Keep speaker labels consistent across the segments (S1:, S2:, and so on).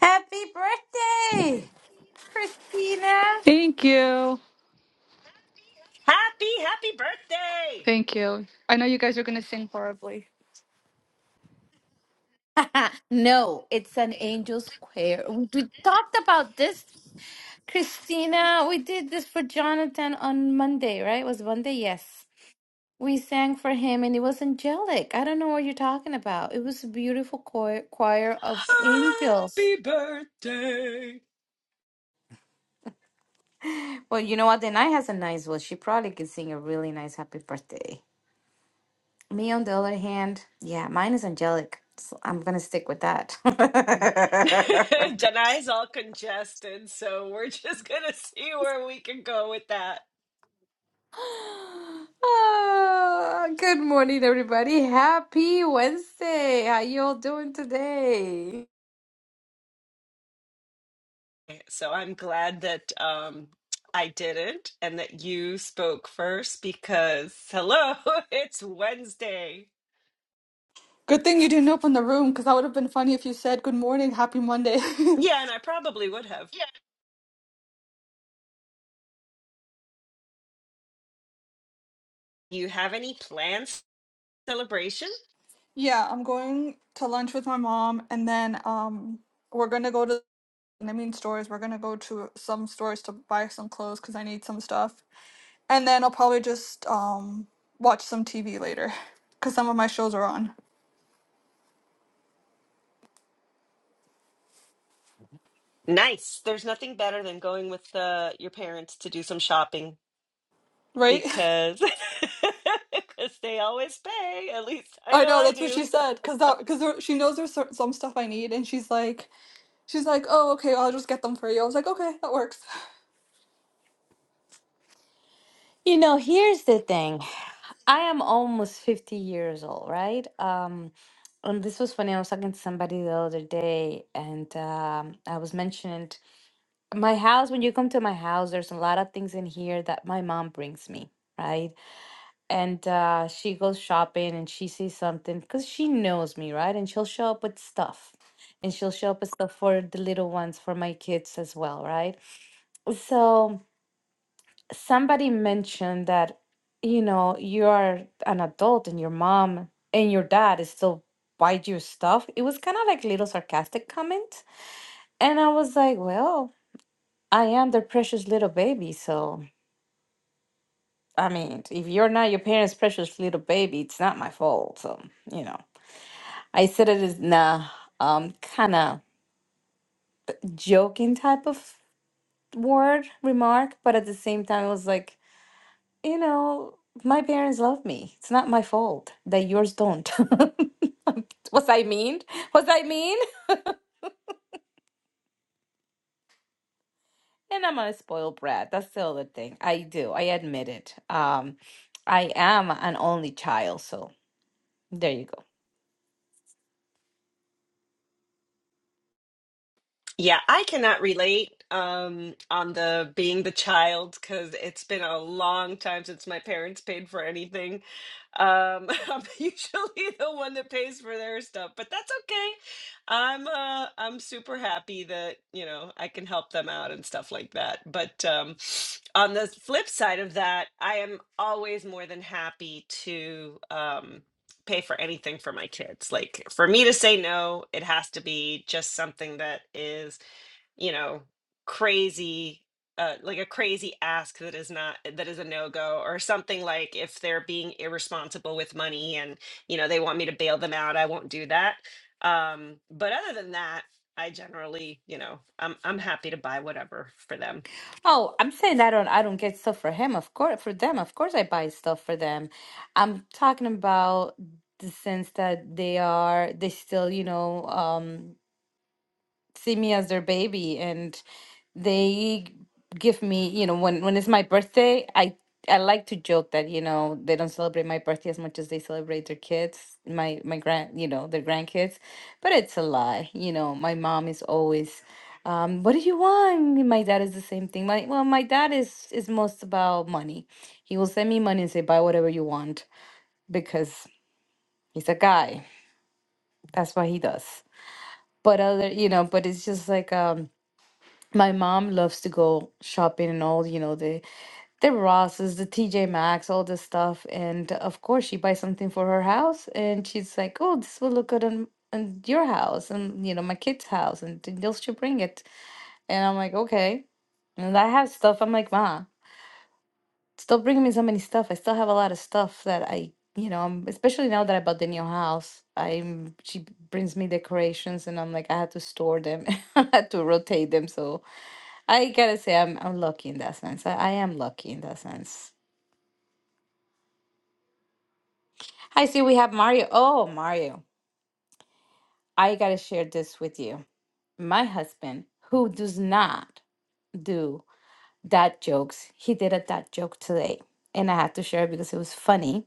S1: Happy birthday, Christina.
S2: Thank you.
S3: Happy, happy birthday!
S2: Thank you. I know you guys are going to sing horribly.
S1: no, it's an angel's choir. We talked about this, Christina. We did this for Jonathan on Monday, right? It was Monday, yes. We sang for him and it was angelic. I don't know what you're talking about. It was a beautiful choir, choir of angels.
S3: Happy birthday.
S1: Well, you know what? The night has a nice voice. She probably could sing a really nice happy birthday. Me, on the other hand, yeah, mine is angelic. So I'm gonna stick with that.
S3: Janai's all congested, so we're just gonna see where we can go with that.
S1: Ah, good morning, everybody. Happy Wednesday. How you all doing today?
S3: So I'm glad that um I did it and that you spoke first because hello, it's Wednesday.
S2: Good thing you didn't open the room because that would have been funny if you said good morning, happy Monday.
S3: Yeah, and I probably would have. You have any plans celebration?
S2: yeah, I'm going to lunch with my mom and then um we're going to go to I mean stores. We're going to go to some stores to buy some clothes cuz I need some stuff. And then I'll probably just um watch some TV later cuz some of my shows are on.
S3: Nice. There's nothing better than going with uh, your parents to do some shopping.
S2: Right?
S3: because because they always pay. At least I
S2: I
S3: know
S2: know
S3: I
S2: that's what
S3: do.
S2: she said cuz that cuz she knows there's cer- some stuff I need and she's like She's like, oh, okay, I'll just get them for you. I was like, okay, that works.
S1: You know, here's the thing. I am almost 50 years old, right? Um, and this was funny. I was talking to somebody the other day, and um, I was mentioning my house. When you come to my house, there's a lot of things in here that my mom brings me, right? and uh, she goes shopping and she sees something because she knows me, right? And she'll show up with stuff. And she'll show up with stuff for the little ones, for my kids as well, right? So somebody mentioned that, you know, you are an adult and your mom and your dad is still buy you stuff. It was kind of like little sarcastic comment. And I was like, well, I am their precious little baby. So, I mean, if you're not your parents' precious little baby, it's not my fault. So, you know. I said it is in a um, kind of joking type of word remark, but at the same time, it was like, you know, my parents love me. It's not my fault that yours don't. was I mean? Was I mean? And I'm a spoiled brat. That's the other thing. I do. I admit it. Um, I am an only child, so there you go.
S3: Yeah, I cannot relate um on the being the child because it's been a long time since my parents paid for anything. Um, I'm usually the one that pays for their stuff, but that's okay. I'm uh I'm super happy that, you know, I can help them out and stuff like that. But um on the flip side of that, I am always more than happy to um. pay for anything for my kids. Like for me to say no, it has to be just something that is, you know, crazy uh, like a crazy ask that is not that is a no-go or something like if they're being irresponsible with money and you know they want me to bail them out i won't do that um but other than that i generally you know i'm i'm happy to buy whatever for them
S1: Oh, I'm saying I don't I don't get stuff for him, of course for them. Of course I buy stuff for them. I'm talking about the sense that they are they still, you know, um see me as their baby and they give me you know when when it's my birthday i i like to joke that you know they don't celebrate my birthday as much as they celebrate their kids my my grand you know their grandkids but it's a lie you know my mom is always um, what do you want? My dad is the same thing. My well, my dad is is most about money. He will send me money and say buy whatever you want because he's a guy. That's what he does. But other, you know, but it's just like um, my mom loves to go shopping and all, you know, the the Rosses, the TJ Maxx, all this stuff. And of course, she buys something for her house, and she's like, "Oh, this will look good on, on your house, and you know, my kid's house, and th- they'll should bring it." And I'm like, "Okay." And I have stuff. I'm like, "Ma, stop bringing me so many stuff. I still have a lot of stuff that I, you know, i especially now that I bought the new house. I'm she brings me decorations, and I'm like, I had to store them, I had to rotate them, so." I gotta say, I'm I'm lucky in that sense. I, I am lucky in that sense. I see we have Mario. Oh, Mario, I gotta share this with you. My husband, who does not do dad jokes, he did a dad joke today, and I had to share it because it was funny.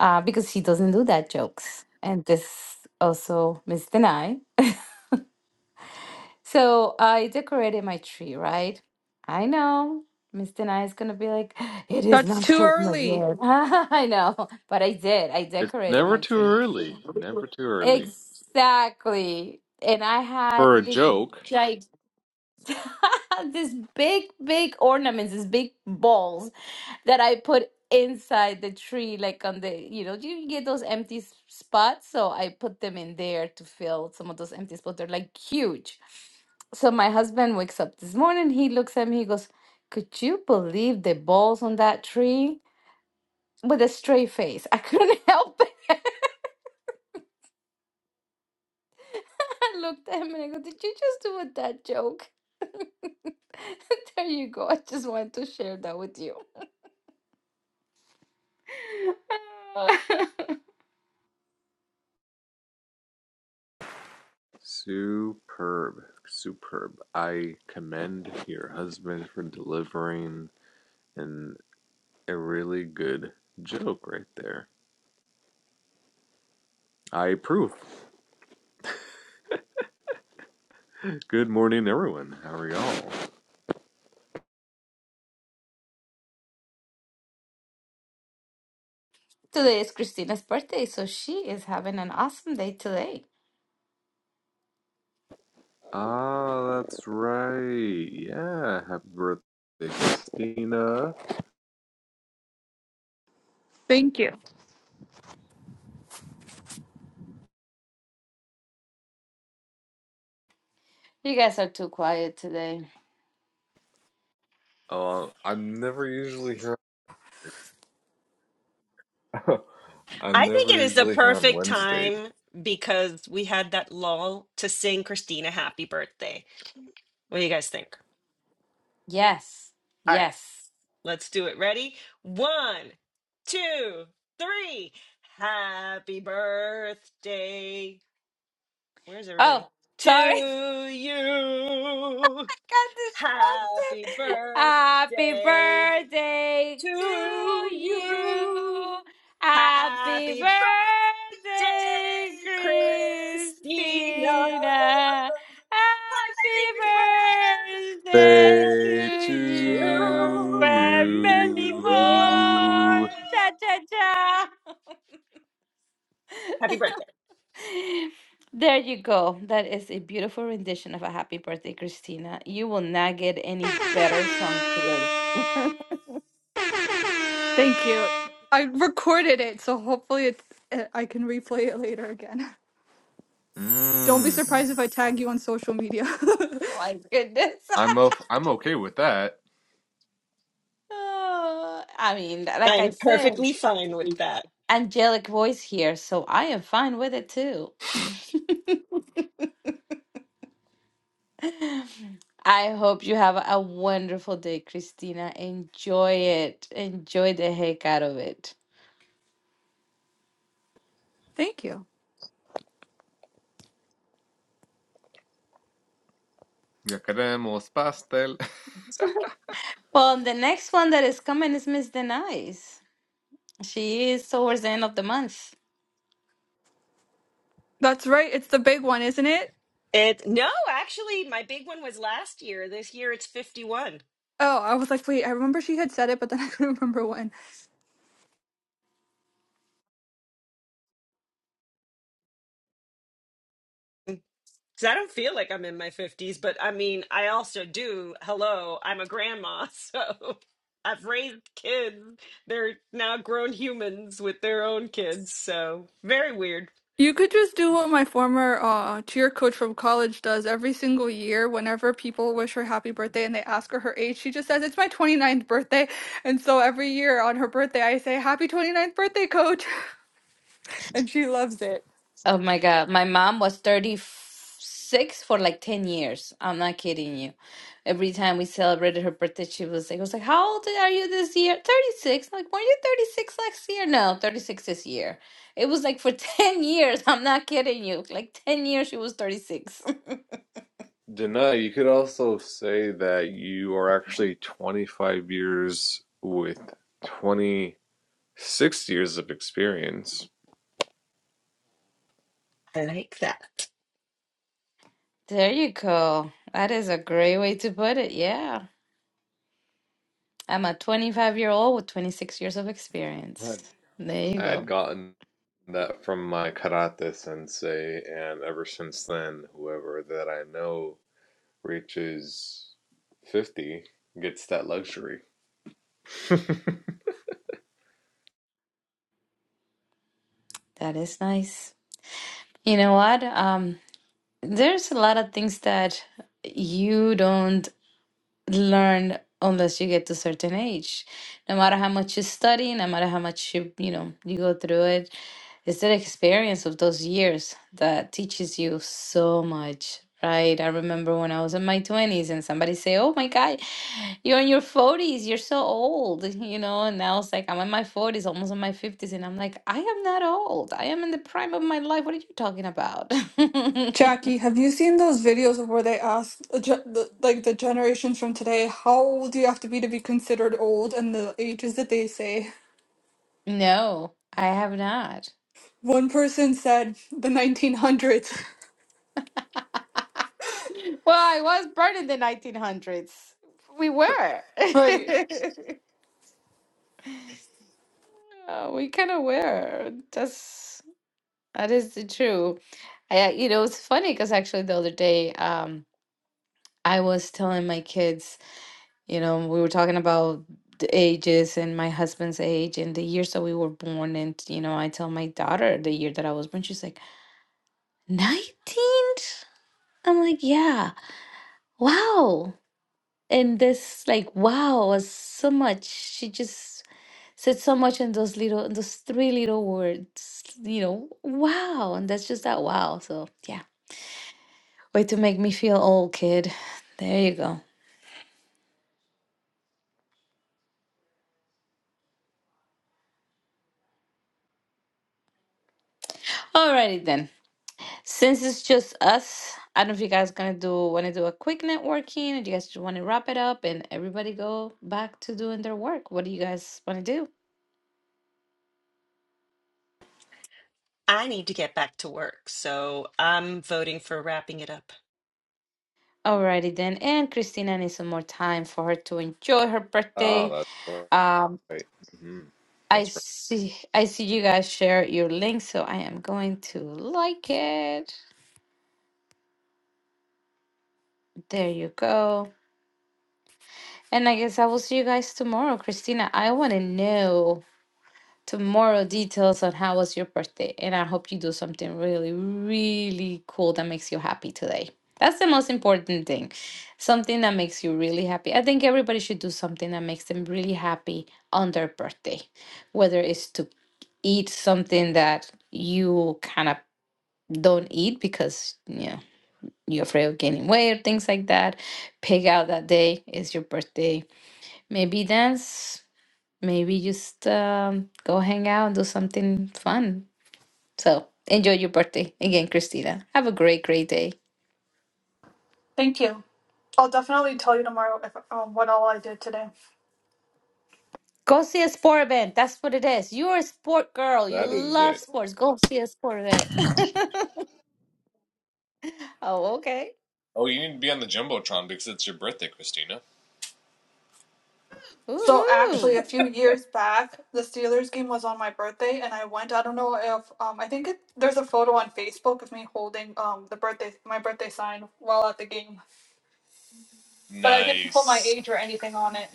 S1: Uh, because he doesn't do dad jokes, and this also Miss Denai. So I decorated my tree, right? I know Mr. Nye is gonna be like, it is
S2: That's
S1: not
S2: too
S1: Christmas
S2: early.
S1: yet. I know, but I did. I
S4: It's
S1: decorated
S4: never
S1: my
S4: too
S1: tree.
S4: early. Never too early.
S1: Exactly. And I had
S4: For a
S1: this
S4: joke.
S1: this big, big ornaments, these big balls that I put inside the tree, like on the, you know, you get those empty s- spots. So I put them in there to fill some of those empty spots. They're like huge. So my husband wakes up this morning, he looks at me, he goes, Could you believe the balls on that tree? With a straight face. I couldn't help it. I looked at him and I go, Did you just do a dad joke? There you go. I just wanted to share that with you.
S4: Superb. Superb. I commend your husband for delivering an, a really good joke right there. I approve. Good morning, everyone. How are y'all?
S1: Today is Christina's birthday, so she is having an awesome day today.
S4: Ah, that's right. Yeah, happy birthday, Christina.
S2: Thank you.
S1: You guys are too quiet today.
S4: Oh, uh, I'm never usually here. I'm
S3: I think
S4: never
S3: it is the
S4: usually here on
S3: perfect
S4: Wednesdays,
S3: time because we had that lull to sing Christina happy birthday. What do you guys think?
S1: Yes.
S3: All right,
S1: Yes.
S3: let's do it. Ready? One, two, three. Happy birthday. Where's
S1: Oh,
S3: everybody?
S1: sorry.
S3: To you.
S1: got
S3: Happy
S1: distracted. Happy
S3: birthday.
S1: birthday
S3: to
S1: to you.
S3: you.
S1: Happy
S3: Happy birthday,
S1: birthday,
S3: Christina.
S1: Christina. Happy birthday to
S3: Happy
S4: birthday
S3: birthday
S1: you
S4: to
S3: to
S1: and
S3: you.
S1: many more.
S4: you.
S1: Cha cha cha.
S3: Happy birthday.
S1: There you go. That is a beautiful rendition of a happy birthday, Christina. You will not get any better song
S2: Thank you. I recorded it, so hopefully it's, uh, I can replay it later again. Don't be
S4: Mm,
S2: surprised if I tag you on social media.
S1: my goodness.
S4: I'm o- I'm okay with that.
S1: Oh, I mean, like I
S3: I'm
S1: said,
S3: perfectly fine with that.
S1: angelic voice here, so I am fine with it too. I hope you have a wonderful day, Christina. Enjoy it. Enjoy the heck out of it.
S2: Thank you.
S4: Ya queremos pastel.
S1: Well, the next one that is coming is Miss Denise. She is towards the end of the month.
S2: That's right. It's the big one, isn't it?
S3: It no, actually, my big one was last year. This year it's 51.
S2: Oh, I was like, wait, I remember she had said it, but then I couldn't remember when.
S3: Cause I don't feel like I'm in my 50s, but I mean, I also do. Hello, I'm a grandma. So I've raised kids. They're now grown humans with their own kids. So very weird.
S2: You could just do what my former uh, cheer coach from college does every single year. Whenever people wish her happy birthday and they ask her her age, she just says, It's my 29th birthday. And so every year on her birthday, I say, Happy 29th birthday, coach. And she loves it.
S1: Oh my God. My mom was 36 for like 10 years. I'm not kidding you. Every time we celebrated her birthday, she was like, I was like, How old are you this year? 36. I'm like, were you 36 last year? No, 36 this year. It was like for 10 years. I'm not kidding you. Like 10 years, she was 36.
S4: Dana, you could also say that you are actually 25 years with 26 years of experience.
S3: I like that.
S1: There you go. That is a great way to put it. Yeah. I'm a 25 year old with 26 years of
S4: Right.
S1: experience. There you
S4: I had
S1: go.
S4: gotten that from my karate sensei, and ever since then, whoever that I know reaches 50 gets that luxury.
S1: That is nice. You know what? Um. There's a lot of things that you don't learn unless you get to a certain age. No matter how much you study, no matter how much you, you know, you go through it, it's the experience of those years that teaches you so much, right? I remember when I was in my 20s and somebody say, "Oh my God, you're in your 40s, you're so old," you know, and I was like, "I'm in my 40s, almost in my 50s," and I'm like, "I am not old. I am in the prime of my life. What are you talking about?"
S2: Jackie, have you seen those videos of where they ask, uh, ge- the, like, the generations from today, how old do you have to be to be considered old? And the ages that they say.
S1: No, I have not.
S2: One person said the 1900s.
S1: Well, I was born in the 1900s. We were.
S2: Right.
S1: Uh, we kind of were. That's that is the truth. I, uh, you know, it's funny because actually the other day, um, I was telling my kids, you know, we were talking about the ages and my husband's age and the years that we were born. And, you know, I tell my daughter the year that I was born, she's like, 19? I'm like, yeah, wow. And this, like, wow, was so much. She just said so much in those little, in those three little words, you know, wow. And that's just that wow. So, yeah. Way to make me feel old, kid. There you go. Alrighty then. Since it's just us, I don't know if you guys gonna do want to do a quick networking, or do you guys just want to wrap it up and everybody go back to doing their work. What do you guys want to do?
S3: I need to get back to work. So I'm voting for wrapping it up.
S1: Alrighty then. And Christina needs some more time for her to enjoy her birthday.
S4: Ah, that's
S1: Um,
S4: right. hmm
S1: I
S4: That's right.
S1: see I see you guys share your link, so I am going to like it. There you go. And I guess I will see you guys tomorrow. Christina, I want to know tomorrow details on how was your birthday. And I hope you do something really, really cool that makes you happy today. That's the most important thing. Something that makes you really happy. I think everybody should do something that makes them really happy on their birthday, whether it's to eat something that you kind of don't eat because yeah you're afraid of gaining weight or things like that pig out that day is your birthday maybe dance maybe just um, go hang out and do something fun so enjoy your birthday again christina have a great great day
S2: Thank you. I'll definitely tell you tomorrow if, um, what all I did today.
S1: go see a sport event that's what it is you're a sport girl you
S4: That is
S1: love
S4: it.
S1: sports go see a sport event oh okay
S4: Oh, you need to be on the Jumbotron because it's your birthday, Christina.
S2: So
S1: Woohoo!
S2: actually, a few years back, the Steelers game was on my birthday, and I went. I don't know if um, I think it, there's a photo on Facebook of me holding um, the birthday my birthday sign while at the game, but I didn't put my
S4: Nice.
S2: age or anything on it.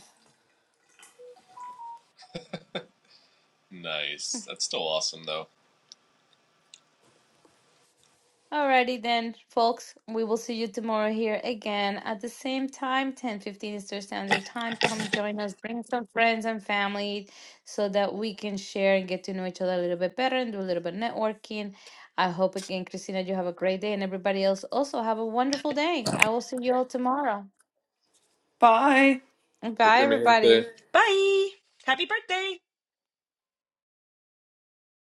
S4: Nice. That's still awesome, though.
S1: Alrighty then, folks. We will see you tomorrow here again at the same time, 10:15 Eastern Standard Time. Come join us, bring some friends and family so that we can share and get to know each other a little bit better and do a little bit of networking. I hope again, Christina, you have a great day and everybody else also have a wonderful day. I will see you all tomorrow.
S2: Bye.
S4: Take
S1: Bye
S4: care, mi
S1: everybody.
S4: gente.
S3: Bye. Happy birthday.